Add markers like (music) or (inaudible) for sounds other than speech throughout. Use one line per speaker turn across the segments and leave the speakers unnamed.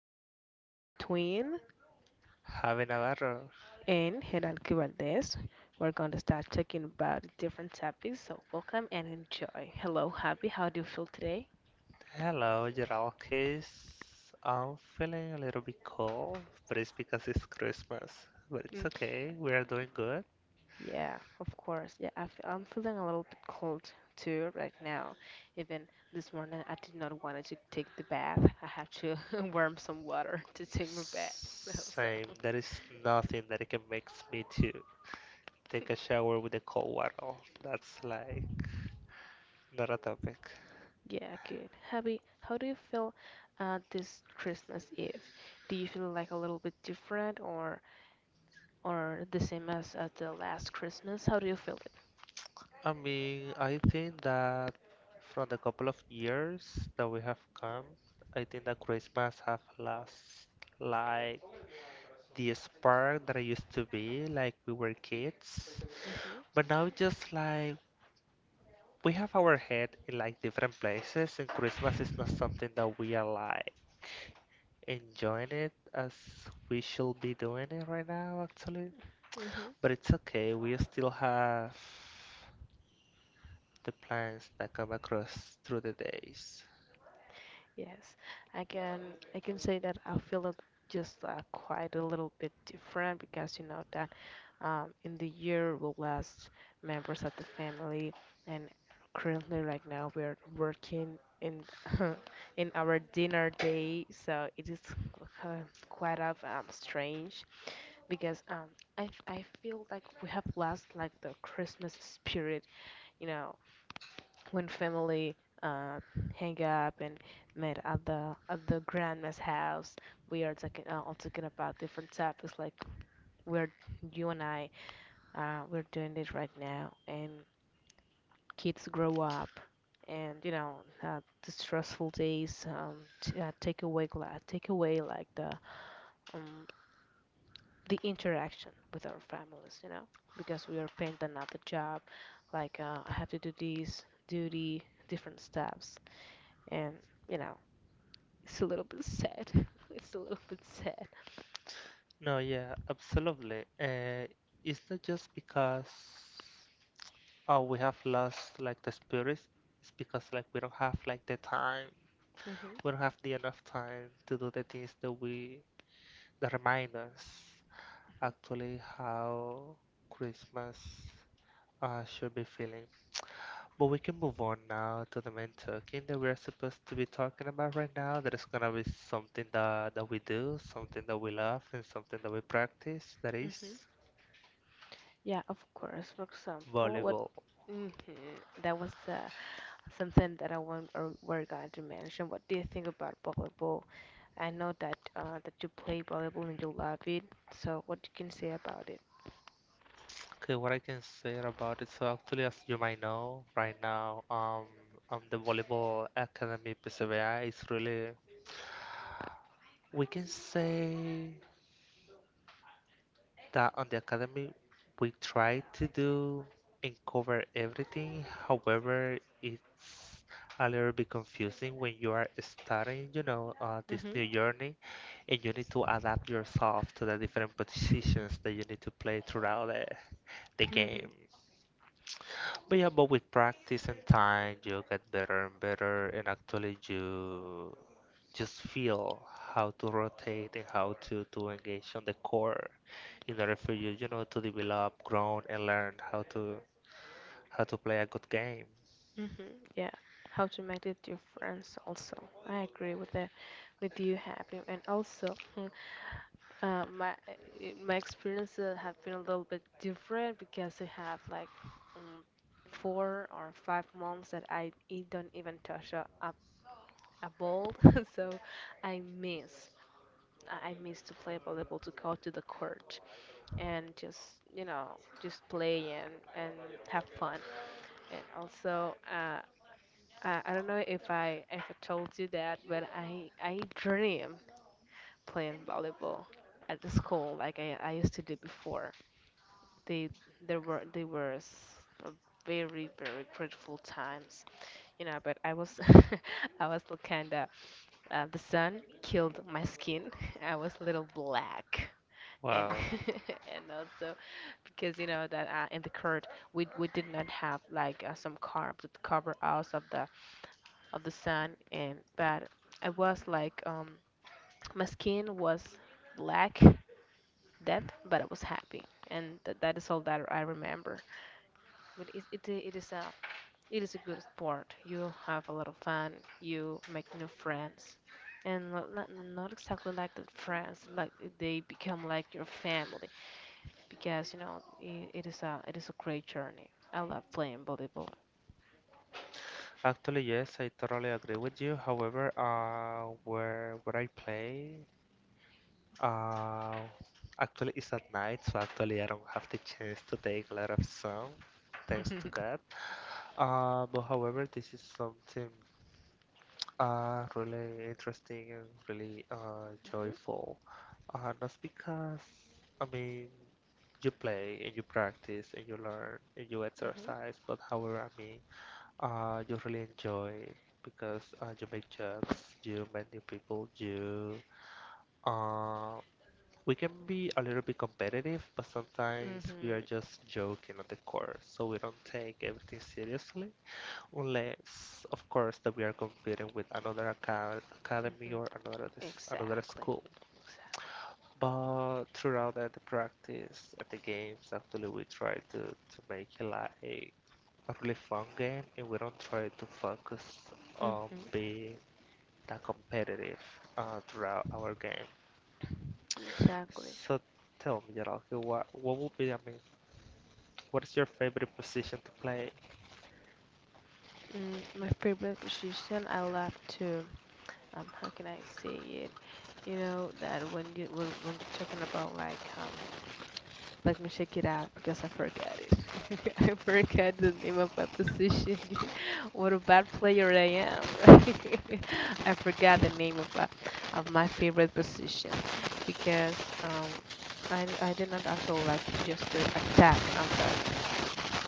our podcast between
Having a Navarro.
and Hidalgo Valdez. We're going to start talking about different topics, so welcome and enjoy. Hello, Happy, how do you feel today?
Hello, Jeralkis. I'm feeling a little bit cold, but it's because it's Christmas. But it's
Mm,
okay, we are doing good.
yeah, of course. Yeah, I'm feeling a little bit cold too right now. Even this morning, I did not want to take the bath. I had to (laughs) warm some water to take my bath. (laughs) So.
Same, there is nothing that it can make me to take a shower with the cold water. That's like not a topic.
Yeah, good. Happy. How do you feel this Christmas Eve? Do you feel like a little bit different or the same as at the last Christmas? How do you feel it?
I mean, I think that from the couple of years that we have come, I think that Christmas have lost like the spark that I used to be like we were kids.
Mm-hmm.
But now it's just like we have our head in like different places, and Christmas is not something that we are like enjoying it as we should be doing it right now actually.
Mm-hmm.
But it's okay, we still have the plans that come across through the days.
Yes, I can say that I feel it just quite a little bit different because you know that in the year we lost members of the family, and currently right now we're working in (laughs) in our dinner day, so it is uh, quite of strange because I feel like we have lost like the Christmas spirit, you know, when family uh, hang up and met at the grandma's house. We are talking all talking about different topics like we're you and I we're doing this right now, and kids grow up, and the stressful days take away take away like um, the interaction with our families, you know, because we are paying another job. Like I have to do these duty different steps, and you know it's a little bit sad. (laughs) It's a little bit sad.
No, yeah, absolutely. It's not just because, oh, we have lost like the spirit. It's because like we don't have like the time.
Mhm.
We don't have the enough time to do the things that we that remind us actually how Christmas should be feeling. But we can move on now to the main talking that we're supposed to be talking about right now. That is gonna be something that we do, something that we love, and something that we practice. That
Mhm.
is
Yeah, of course. For example, what
volleyball.
hmm that was something that I want or were going to mention. What do you think about volleyball? I know that that you play volleyball and you love it. So what you can say about it?
Okay, what I can say about it, so actually, as you might know, right now, the Volleyball Academy PCBI is really, we can say that on the academy, we try to do and cover everything. However, it's a little bit confusing when you are starting, you know, this
Mhm.
new journey, and you need to adapt yourself to the different positions that you need to play throughout the game.
Mhm.
But yeah, but with practice and time, you get better and better, and actually you just feel how to rotate and how to engage on the core in order for you, you know, to develop, grow, and learn how to play a good game.
Mhm. Yeah, how to make it your friends also. I agree with that, with you happy and also. My my experiences have been a little bit different because I have like um, 4 or 5 months that I don't even touch a ball, (laughs) so I miss I miss to play volleyball to go to the court and just you know just play and have fun and also I don't know if I told you that but I dream playing volleyball at the school like I used to do before. They there were they were s- a very very grateful times, you know. But I was (laughs) I was kinda the sun killed my skin. (laughs) I was a little black. And
Well,
(laughs) and also because you know that in the court we did not have like some carbs to cover us of the sun and but I was like my skin was black death, but I was happy, and that is all that I remember. But it is a it is a good sport. You have a lot of fun. You make new friends, and not exactly like the friends. Like they become like your family because you know I it is a great journey. I love playing volleyball.
actually, yes, I totally agree with you. However, where where I play, uh, actually it's at night, so actually I don't have the chance to take a lot of sun, thanks to
(laughs)
God. But however, this is something really interesting and really joyful. That's because, I mean, you play and you practice and you learn and you
Mhm,
exercise, but however, I mean, you really enjoy because you make jokes, you meet new people, you. Uh, we can be a little bit competitive, but
mhm,
sometimes we are
mhm,
just joking on the course, so we don't take everything seriously. Unless, of course, that we are competing with another academy
mhm.
or another another
Exactly,
school.
exactly.
But throughout the practice and the games, actually, we try to make it like a really fun game, and we don't try to focus on
Mhm,
being that competitive throughout our game.
exactly.
So tell me, Jaralke, what would be, I mean, what is your favorite position to play?
Mm, my favorite position I love to how can I say it? You know that when you when you're talking about like let me check it out because I forgot it. (laughs) I forgot the name of my position. (laughs) What a bad player I am, right? (laughs) I forgot the name of my favorite position because I did not actually like to just to attack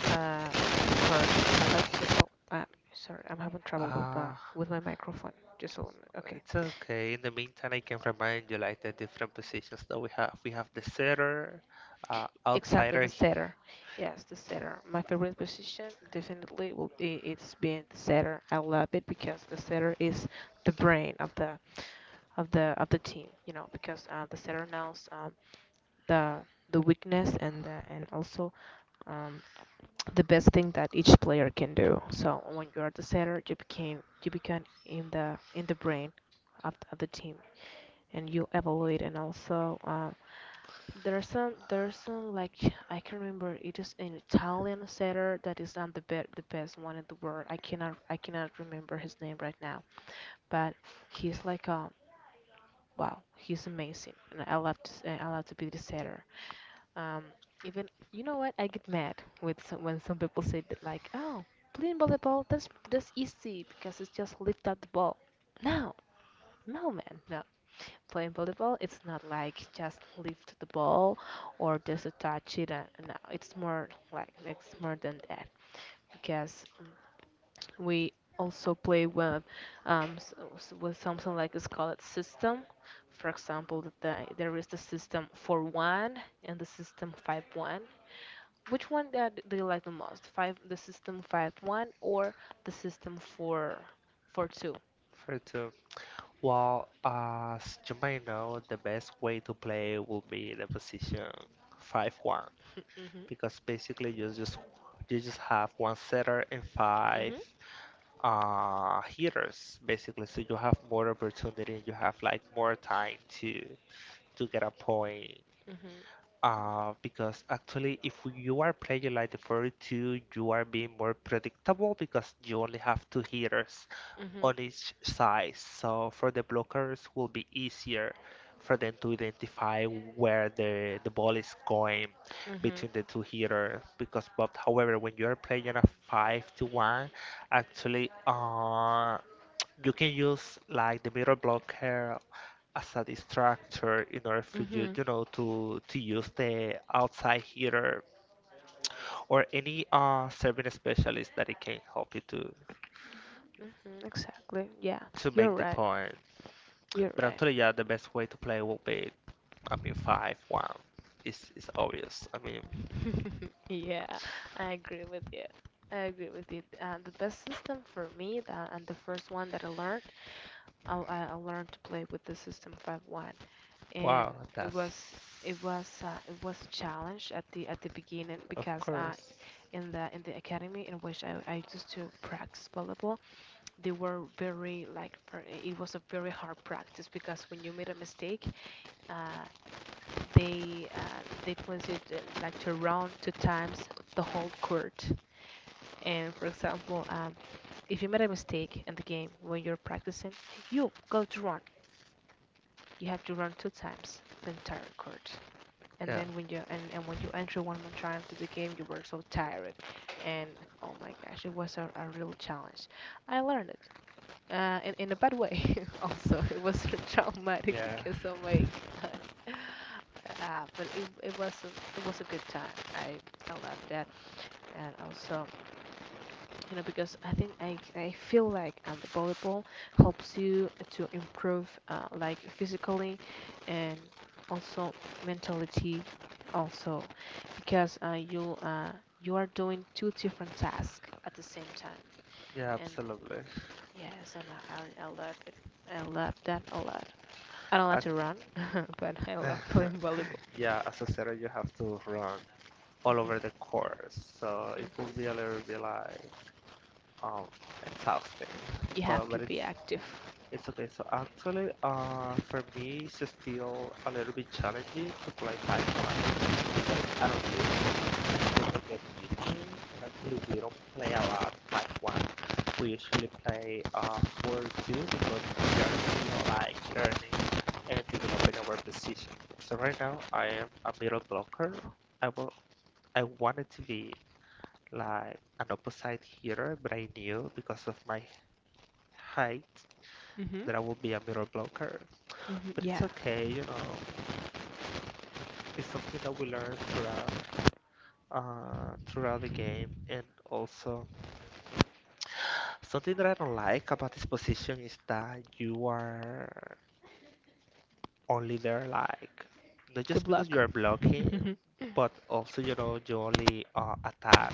on the court. I like to oh sorry I'm having trouble
Uh,
with my microphone. Just a moment. Okay.
It's okay. In the meantime, I can remind you like the different positions that we have. We have the setter,
Exactly,
outsider,
the setter. Yes, the setter. My favorite position definitely will be it's being the setter. I love it because the setter is the brain of the of the team, you know, because the setter knows the the weakness and the, and also um, the best thing that each player can do. So when you are the setter, you become in the brain of the team and you evaluate and also there's some like I can remember it is an Italian setter that is not the best one in the world. I cannot remember his name right now, but he's like wow he's amazing and I love I love to be the setter. Um, even you know what I get mad with when some people say that like oh playing volleyball that's easy because it's just lift up the ball. No, no man, no playing volleyball, it's not like just lift the ball or just to touch it. No, it's more like it's more than that because we also play with with something like it's called system. For example, there is the system 4-1 and the system 5-1. Which one that do you like the most? Five, the system 5-1 or the system four four two?
for two. Well, as you might know, the best way to play will be the position 5-1,
(laughs) Mhm.
because basically you just have one setter and five
Mhm.
hitters basically. So you have more opportunity and you have like more time to get a point.
Mhm.
Because actually, if you are playing like the 42, you are being more predictable because you only have two hitters
Mhm.
on each side. So for the blockers, will be easier for them to identify where the ball is going
Mhm.
between the two hitters. Because but however, when you are playing a five to one, actually, you can use like the middle blocker as a distractor in order for you,
Mhm.
you know, to use the outside heater or any serving specialist that it can help you
Mhm, exactly. Yeah,
to
you're
make the
right.
point.
You're
But
right.
actually, yeah, the best way to play will be, I mean, 5-1. It's obvious. I mean,
(laughs) Yeah, I agree with you. I agree with you. The best system for me, that and the first one that I learned, I learned to play with the system 5-1, and
wow,
it
that's
was it was a challenge at the beginning
of
because
course.
in the academy in which I used to practice volleyball, they were very like for, it was a very hard practice because when you made a mistake, uh, they place you to, like to round two times the whole court. And for example, if you made a mistake in the game when you're practicing, you go to run. You have to run two times the entire court. And
Yeah,
then when you and when you enter one more time to the game, you were so tired, and oh my gosh, it was a real challenge. I learned it in a bad way. (laughs) Also, it was (laughs) traumatic
yeah,
because oh my God. (laughs) But it it was a good time. I loved that, and also you know because I think I feel like the volleyball helps you to improve like physically, and also mentality also because you are doing two different tasks at the same time,
yeah,
and
absolutely.
yes, and I love it. I love that a lot. I don't like
I,
to run, (laughs) but I love playing
(laughs)
volleyball.
yeah, as a setter, you have to run all
Hmm.
over the course, so it will
Hmm.
be a little bit like um exhausting,
You have
but
to
but
be
it's
active.
it's okay. So actually for me it's still a little bit challenging to play Pokemon because I don't usually people get used to it. Actually we don't play a lot Pokemon. We usually play 4-2 because we are still like learning and developing our position. So right now I am a middle blocker. I will I wanted to be like an opposite hitter, but I knew because of my height
Hmm.
that I will be a middle blocker,
Hmm.
but it's
Yeah,
okay, you know. It's something that we learn throughout throughout the game, and also something that I don't like about this position is that you are only there like not
to
just because
block.
you are blocking,
(laughs)
but also you know you only attack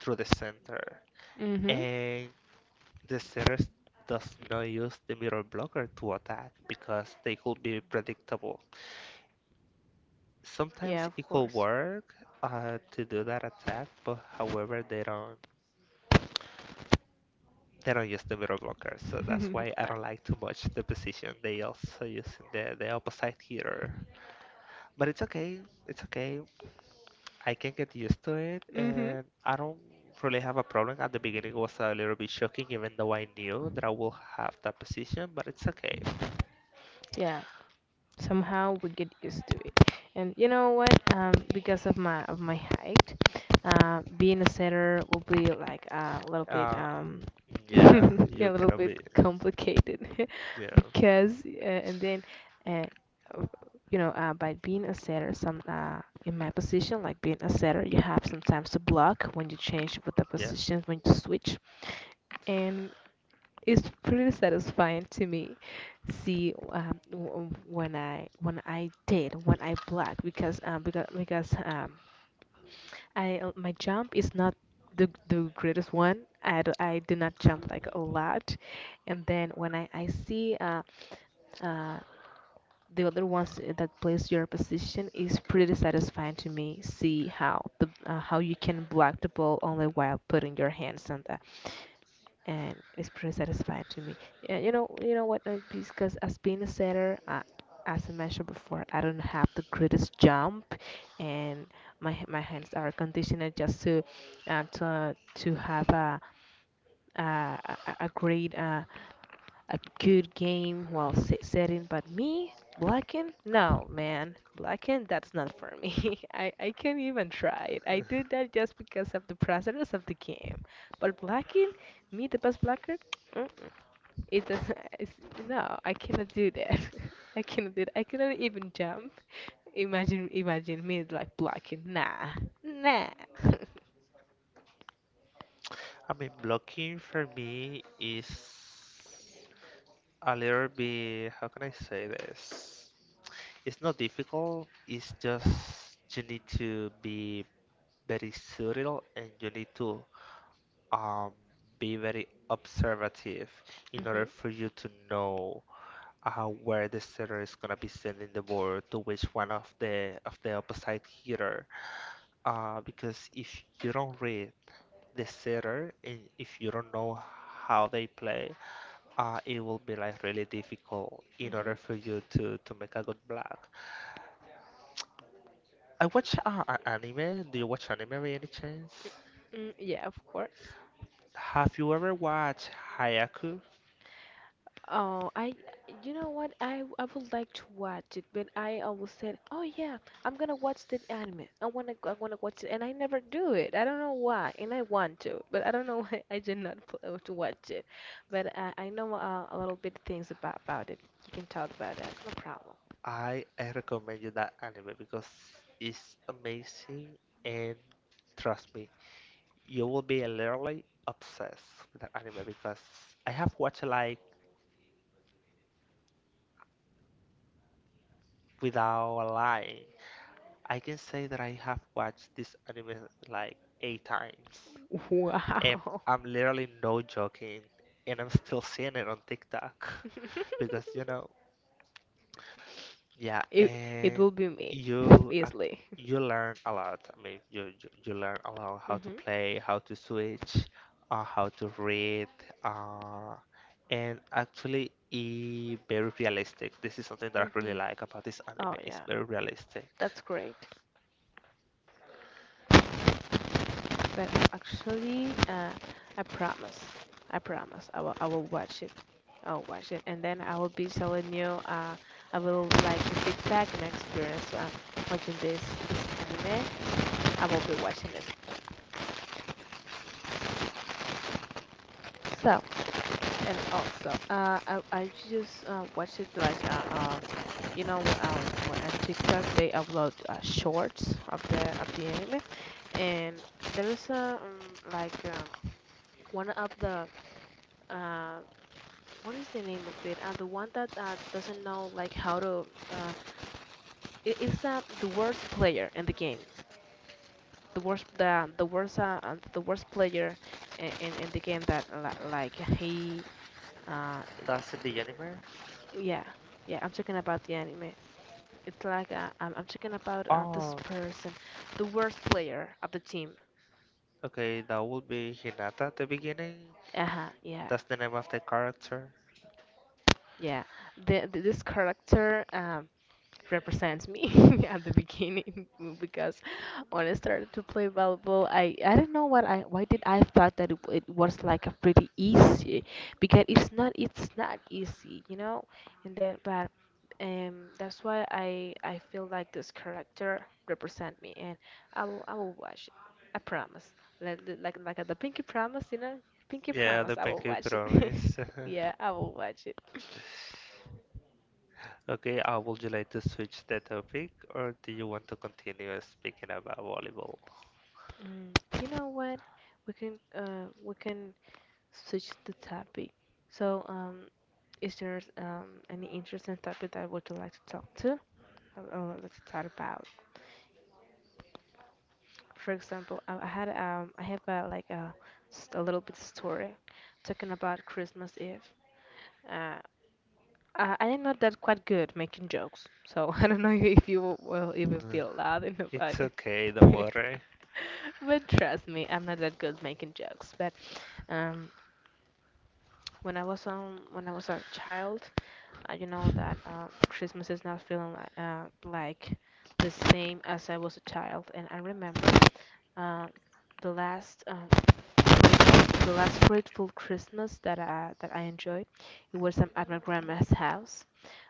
through the center,
Hmm.
and the center does not use the middle blocker to attack because they could be predictable.
Yeah,
Sometimes
of
it could
course.
work to do that attack, but however they don't use the middle blocker, so that's why I don't
(laughs)
like too much the position. They also using the opposite hitter, but it's okay, it's okay. I can get used to it,
Hmm.
and I don't really have a problem. At the beginning, it was a little bit shocking, even though I knew that I will have that position, but it's okay.
Yeah. Somehow we get used to it. And you know what? Because of my height, uh, being a setter will be like a little bit
Uh,
(laughs)
yeah,
a
you
little
cannot
bit
be,
complicated. (laughs)
yeah,
Because and then uh, you know by being a setter some in my position like being a setter you have sometimes to block when you change with the
yeah.
positions when you switch and it's pretty satisfying to me see when I did when I block because I my jump is not the the greatest one. I do not jump like a lot, and then when I see uh the other ones that plays your position is pretty satisfying to me. See how the how you can block the ball only while putting your hands on that, and it's pretty satisfying to me. Yeah, you know what? Because as being a setter, as I mentioned before, I don't have the greatest jump and my hands are conditioner just to to have a great a good game while setting. But me blacking, no man, blacking that's not for me. (laughs) I can't even try it. I do that just because of the process of the game. But blacking, me the best blacker. (tsk) It doesn't. (laughs) It's, no, I cannot do that. (laughs) I cannot do that. I cannot even jump. Imagine, imagine me like blocking. Nah, nah. (laughs)
I mean, blocking for me is a little bit, how can I say this? It's not difficult, it's just you need to be very subtle and you need to um be very observative in order
Mhm,
for you to know where the setter is gonna be sending the ball to which one of the opposite hitter. Because if you don't read the setter and if you don't know how they play, it will be like really difficult in order
mhm.
for you to make a good blog. I watch anime. Do you watch anime by any chance?
Mm, yeah, of course.
Have you ever watched Hayaku?
Oh, I, you know what? I would like to watch it, but I always said, "Oh yeah, I'm gonna watch that anime. I wanna watch it," and I never do it. I don't know why, and I want to, (laughs) but I don't know (laughs) why I did not pl- to watch it. But I know a little bit things about it. You can talk about that, no problem.
I recommend you that anime because it's amazing, and trust me, you will be literally obsessed with that anime because I have watched like without lying. I can say that I have watched this anime like 8 times. And
Wow,
I'm literally no joking, and I'm still seeing it on TikTok (laughs) because you know,
(laughs)
yeah,
it it
and
will be me (laughs)
you act,
easily.
you learn a lot. I mean, you learn a lot how to
Mhm,
play, how to switch, how to read, uh, and actually, it very realistic. This is something that I really
mhm.
like about this
Oh
anime. It's
yeah,
very realistic.
that's great. But actually, I promise. I promise. I will watch it. I'll watch it, and then I will be telling you. I will like the feedback and my experience watching this anime. I will be watching it. So, and also, I just watch it like you know, wh- uh, on TikTok they upload shorts of the anime, and there is a like one of the um, what is the name of it? The one that doesn't know like how to. It's the worst player in the game. The worst player in the game that li- like he. Uh,
That's the anime.
yeah, yeah. I'm talking about the anime. It's like I'm talking about
Oh,
this person, the worst player of the team.
okay, that would be Hinata at the beginning.
Uh huh. Yeah.
That's the name of the character.
Yeah, this character represents me (laughs) at the beginning (laughs) because when I started to play volleyball, I don't know what I why did I thought it was like a pretty easy because it's not easy, you know. And then but that's why I feel like this character represent me and I will watch it. I promise. Like the Pinky promise, you know. Pinky
Yeah, the
promise, I will
pinky
watch it. (laughs)
promise.
Yeah,
(laughs)
I will watch it.
Okay, would you like to switch the topic or do you want to continue speaking about volleyball?
Mm, you know what? We can switch the topic. So is there any interesting topic that would you like to talk to? Or like to talk about? For example, I have a like a little bit story talking about Christmas Eve. Uh, I am not that quite good making jokes, so (laughs) I don't know if you will even
Mm.
be allowed in about
It's
it.
okay, don't
(laughs)
worry.
But trust me, I'm not that good making jokes, but. Um, When I was when I was a child, you know that Christmas is not feeling like the same as I was a child, and I remember uh, the last uh, great the last grateful Christmas that I enjoyed. It was at my grandma's house.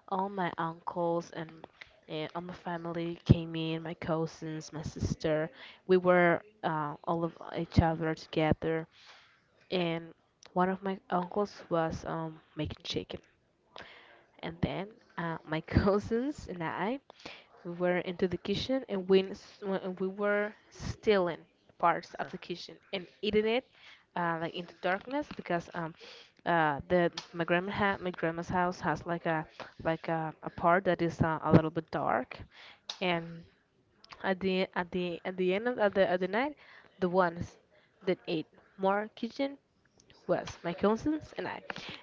All my uncles and all my family came in. My cousins, my sister. We were all of each other together and one of my uncles was making chicken. And then my (laughs) cousins and I were into the kitchen and we were stealing parts of the kitchen and eating it like into darkness because the my grandma ha my grandma's house has like a part that is a little bit dark and at the end at the night the ones that ate more kitchen was my cousins and I.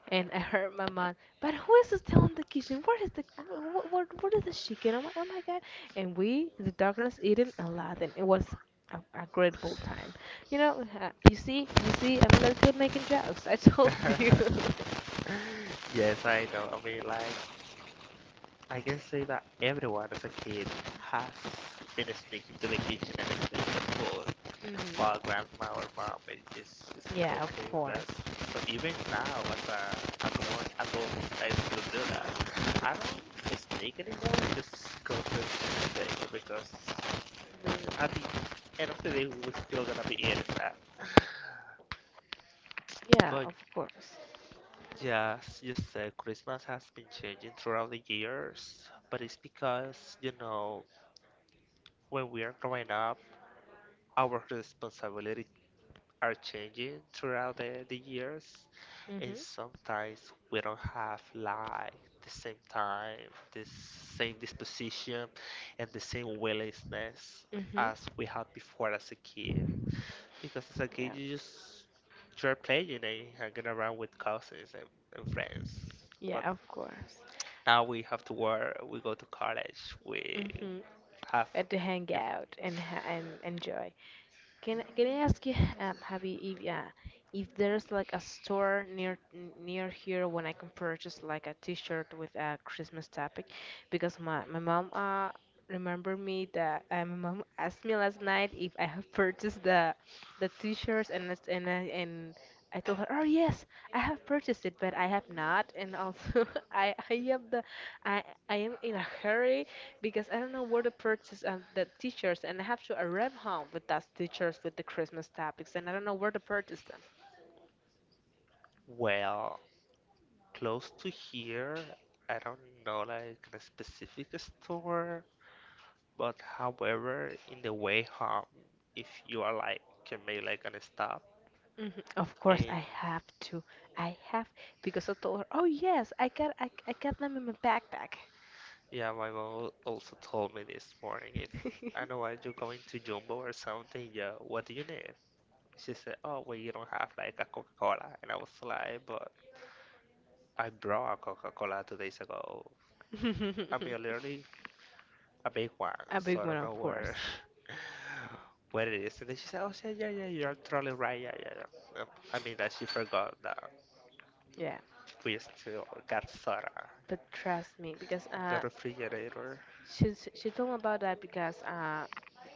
And I heard my mom, but who is still in the kitchen? Where is the what is the chicken? Oh my God! And we, in the darkness, eating a lot, and it was a grateful time. You know, you see, I'm not that good making jokes. I told (laughs) you.
(laughs) Yes, I know. I mean, like, I can say that everyone as a kid has been sneaking to the kitchen and playing the pool
Hmm.
for grandma or mom it is just
Yeah, of
cooking that.
course.
So even now, as a, I go I go, I still do that. I don't just make anymore. I just go to the because I mean, at the end of the day, we're still gonna be eating that.
Yeah,
But
of course.
yes, you said Christmas has been changing throughout the years, but it's because, you know, when we are growing up, our responsibilities are changing throughout the years. And
Mhm.
sometimes we don't have like the same time, the same disposition, and the same willingness
Mhm.
as we had before as a kid. Because as a kid,
Yeah.
you just you're playing and hanging around with cousins and friends.
Yeah,
But
of course.
now we have to work. We go to college. We
Mhm.
have
At to hang out and ha- and enjoy. Can I ask you, have you if there's like a store near here when I can purchase like a T-shirt with a Christmas topic, because my mom remembered me that my mom asked me last night if I have purchased the T-shirts and I told her, oh yes, I have purchased it, but I have not, and also (laughs) I have the I I am in a hurry because I don't know where to purchase the t-shirts, and I have to arrive home with those t-shirts with the Christmas topics, and I don't know where to purchase them.
well close to here. I don't know like a specific store. But however, in the way home, if you are like can make like an stop,
Hmm. Of course,
and
I have to. I have because I told her, "Oh yes, I got them in my backpack."
yeah, my mom also told me this morning if I know why you're going to Jumbo or something, yeah, what do you need? She said, oh, well, you don't have like a Coca-Cola, and I was like, but I brought a Coca-Cola 2 days ago. I mean,
(laughs)
literally a big one,
A
so
big
I
one,
don't know
of course.
where (laughs) where it is. And then she said, oh, yeah, yeah, yeah, you're totally right, yeah, yeah, yeah. I mean that she forgot that
Yeah,
we still got soda
but trust me, because
in the refrigerator.
she told me about that because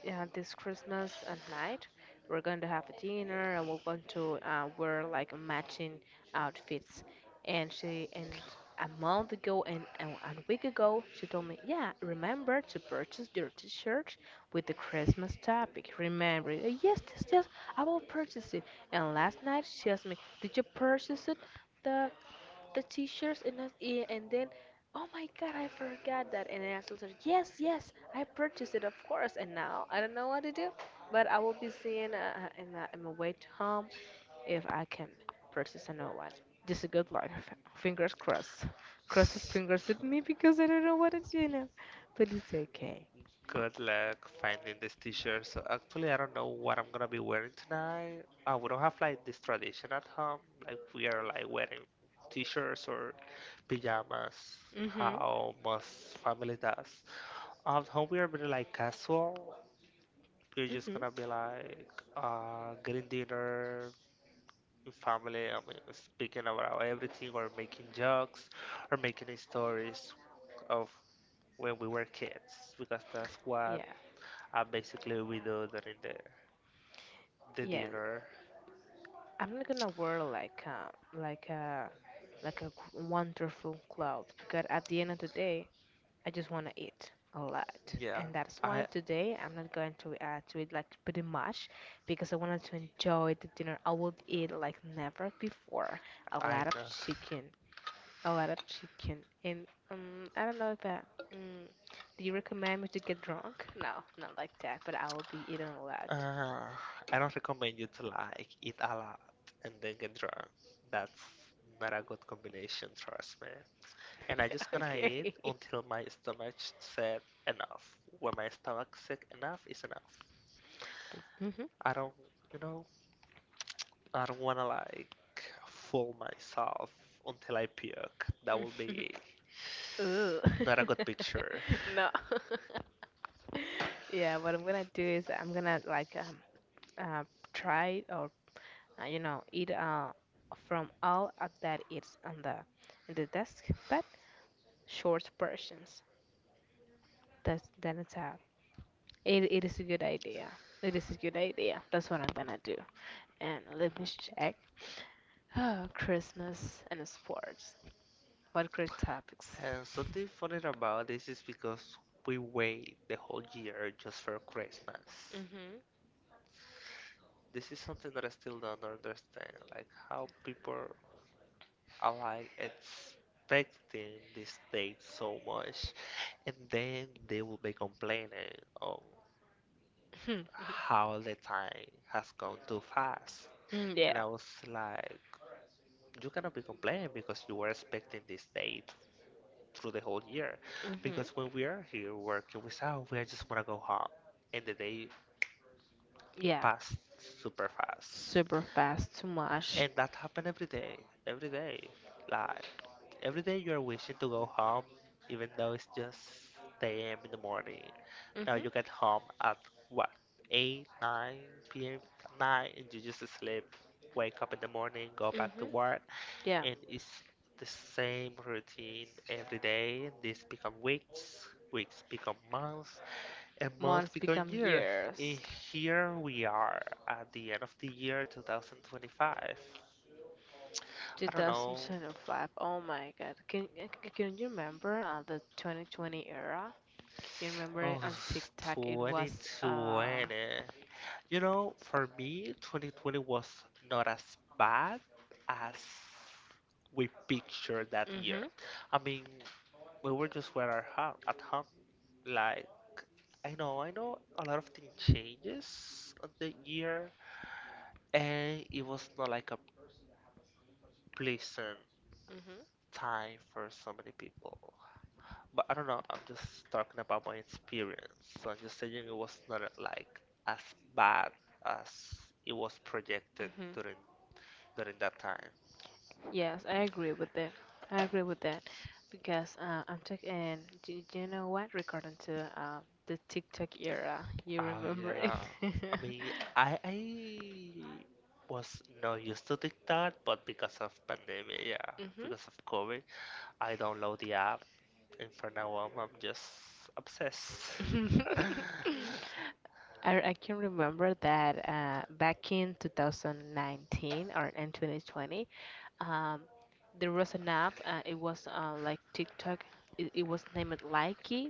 yeah, this Christmas at night we're going to have a dinner and we're going to wear like matching outfits. And she and a month ago and a week ago she told me, yeah, remember to purchase your T-shirt with the Christmas topic. Remember? It." Yes, yes, yes. I will purchase it. And last night she asked me, did you purchase it? the the teachers in us ear and then oh my god, I forgot that and I asked her, yes, yes, I purchased it, of course, and now I don't know what to do, but I will be seeing in my way to home if I can purchase another one, just a good life, fingers crossed, cross the fingers with me
(laughs)
because I don't know what to do now, but it's okay.
Good luck finding this t-shirt. So actually, I don't know what I'm gonna be wearing tonight. We don't have like this tradition at home. Like we are like wearing t-shirts or pajamas,
Mm-hmm.
how most family does. At home, we are very like casual. We're just
Mm-hmm.
gonna be like getting dinner, family, I mean, speaking about everything or making jokes or making stories of when we were kids, because that's what
Yeah.
basically we do during the
Yeah,
dinner.
I'm not gonna wear like wonderful clothes because at the end of the day I just want to eat a lot.
Yeah,
And that's why
I
today I'm not going to eat like pretty much because I wanted to enjoy the dinner. I would eat like never before a
I
lot of
know.
chicken, a lot of chicken. And I don't know if I, mm, do you recommend me to get drunk? No, not like that, but I will be eating a lot.
Uh, I don't recommend you to like eat a lot and then get drunk. That's not a good combination, trust me. And I
(laughs)
just gonna eat
Okay.
until my stomach said enough. When my stomach said enough is enough.
Hmm.
I don't, you know, I don't wanna like fool myself until I puke. That would be
(laughs) Ooh.
not a good picture.
(laughs) No. (laughs) Yeah, what I'm gonna do is I'm gonna like uh, try or you know, eat from all of that it's on the in the desk but short portions, that's then it's a it, it is a good idea, it is a good idea, that's what I'm gonna do. And let me check. Oh, Christmas and sports, what great topics.
And something funny about this is because we wait the whole year just for Christmas.
Mm-hmm.
This is something that I still don't understand, like how people are like expecting this date so much, and then they will be complaining, oh,
(laughs)
how the time has gone too fast.
Mm,
And
yeah.
I was like, you cannot be complaining because you were expecting this date through the whole year.
Mm-hmm.
Because when we are here working without, we just want to go home. And the day
Yeah,
passed super fast.
super fast, too much.
And that happened every day, every day. Like, every day you're wishing to go home, even though it's just 10 a.m. in the morning. Now
Mhm.
you get home at what, 8, 9 p.m. at night, and you just sleep, wake up in the morning, go back to
Mhm.
work,
Yeah.
and it's the same routine every day, and this become weeks, weeks become months, and months
Months
become
become
year, and
years.
here we are at the end of the year 2025. I don't know.
2025. Oh my God. Can can you remember the 2020 era? Can you remember it
Oh,
on TikTok? It was.
2020. You know, for me, 2020 was not as bad as we pictured that year.
Mhm.
I mean, we were just were at home, at home, like, I know a lot of things changes on the year, and it was not like a pleasant
Mhm.
time for so many people. But I don't know, I'm just talking about my experience. So I'm just saying it was not like as bad as it was projected
Mhm.
during during that time.
Yes, I agree with that. I agree with that because I'm talking. And do you know what? Regarding to the TikTok era, you
Oh
remember it.
yeah. I
(laughs)
mean, I was not used to TikTok, but because of pandemic, yeah, because of COVID, I download the app. And for now on, I'm just obsessed. (laughs)
Mhm. (laughs) I can remember that back in 2019 or in 2020, um, there was an app. It was like TikTok. It was named Likey,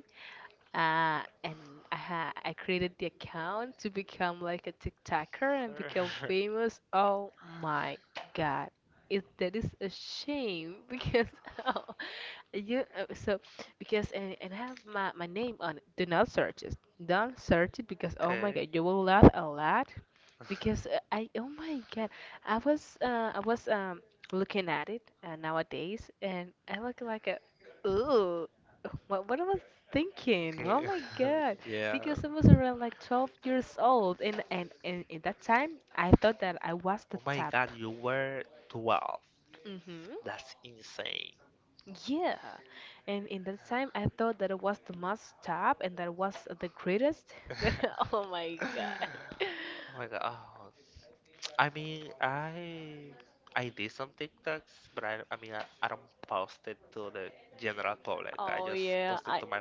and I created the account to become like a TikToker and become famous. Oh my God. That is a shame (laughs) because oh, you so because and have my name on it. Do not search it. Don't search it because oh my
Okay.
God, you will laugh a lot because
(laughs)
I oh my God, I was looking at it nowadays and I look like a ooh. (laughs) What I was thinking?
Okay.
Oh my God.
(laughs)
Because I
Yeah.
was around like 12 years old, and in that time, I thought that I was the
Oh my
top.
god, you were 12.
Mm-hmm.
That's insane.
Yeah. And in that time, I thought that I was the most top and that I was the greatest. (laughs) But oh my God.
(laughs) Oh my god. Oh. I mean, I did some TikToks, but I mean, I don't post it to the general public. I
Oh
just
yeah,
post it
I
to my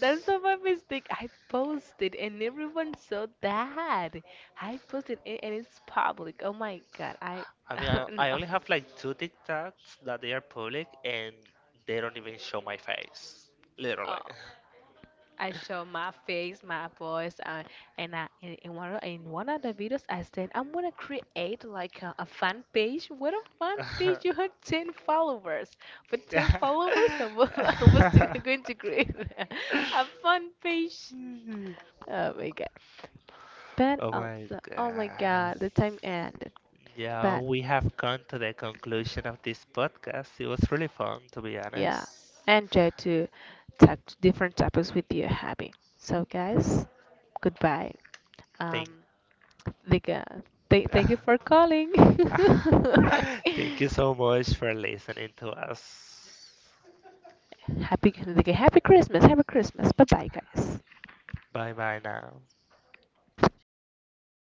that's not my mistake. I posted and everyone saw that. I posted it and it's public. Oh my god, I
I
(laughs)
mean, I
no.
only have like two TikToks that they are public, and they don't even show my face, literally.
Oh, I show my face, my voice, and I, in one of the videos I said I'm gonna create like a fan page. What a fan page! You
(laughs)
have 10 followers. For ten followers, I was, (laughs) going to create (laughs) a fan page. Oh my god! But
Oh my
also, oh my
God.
god, the time ended.
Yeah,
But
we have come to the conclusion of this podcast. It was really fun, to be
yeah,
honest.
and try to talk to different topics with your hobby. So guys, goodbye.
Thank,
Um, like, th thank you for
(laughs)
calling. (laughs)
thank you so much for listening to us.
Happy, like, happy Christmas. Happy Christmas. Bye bye, guys.
Bye bye now.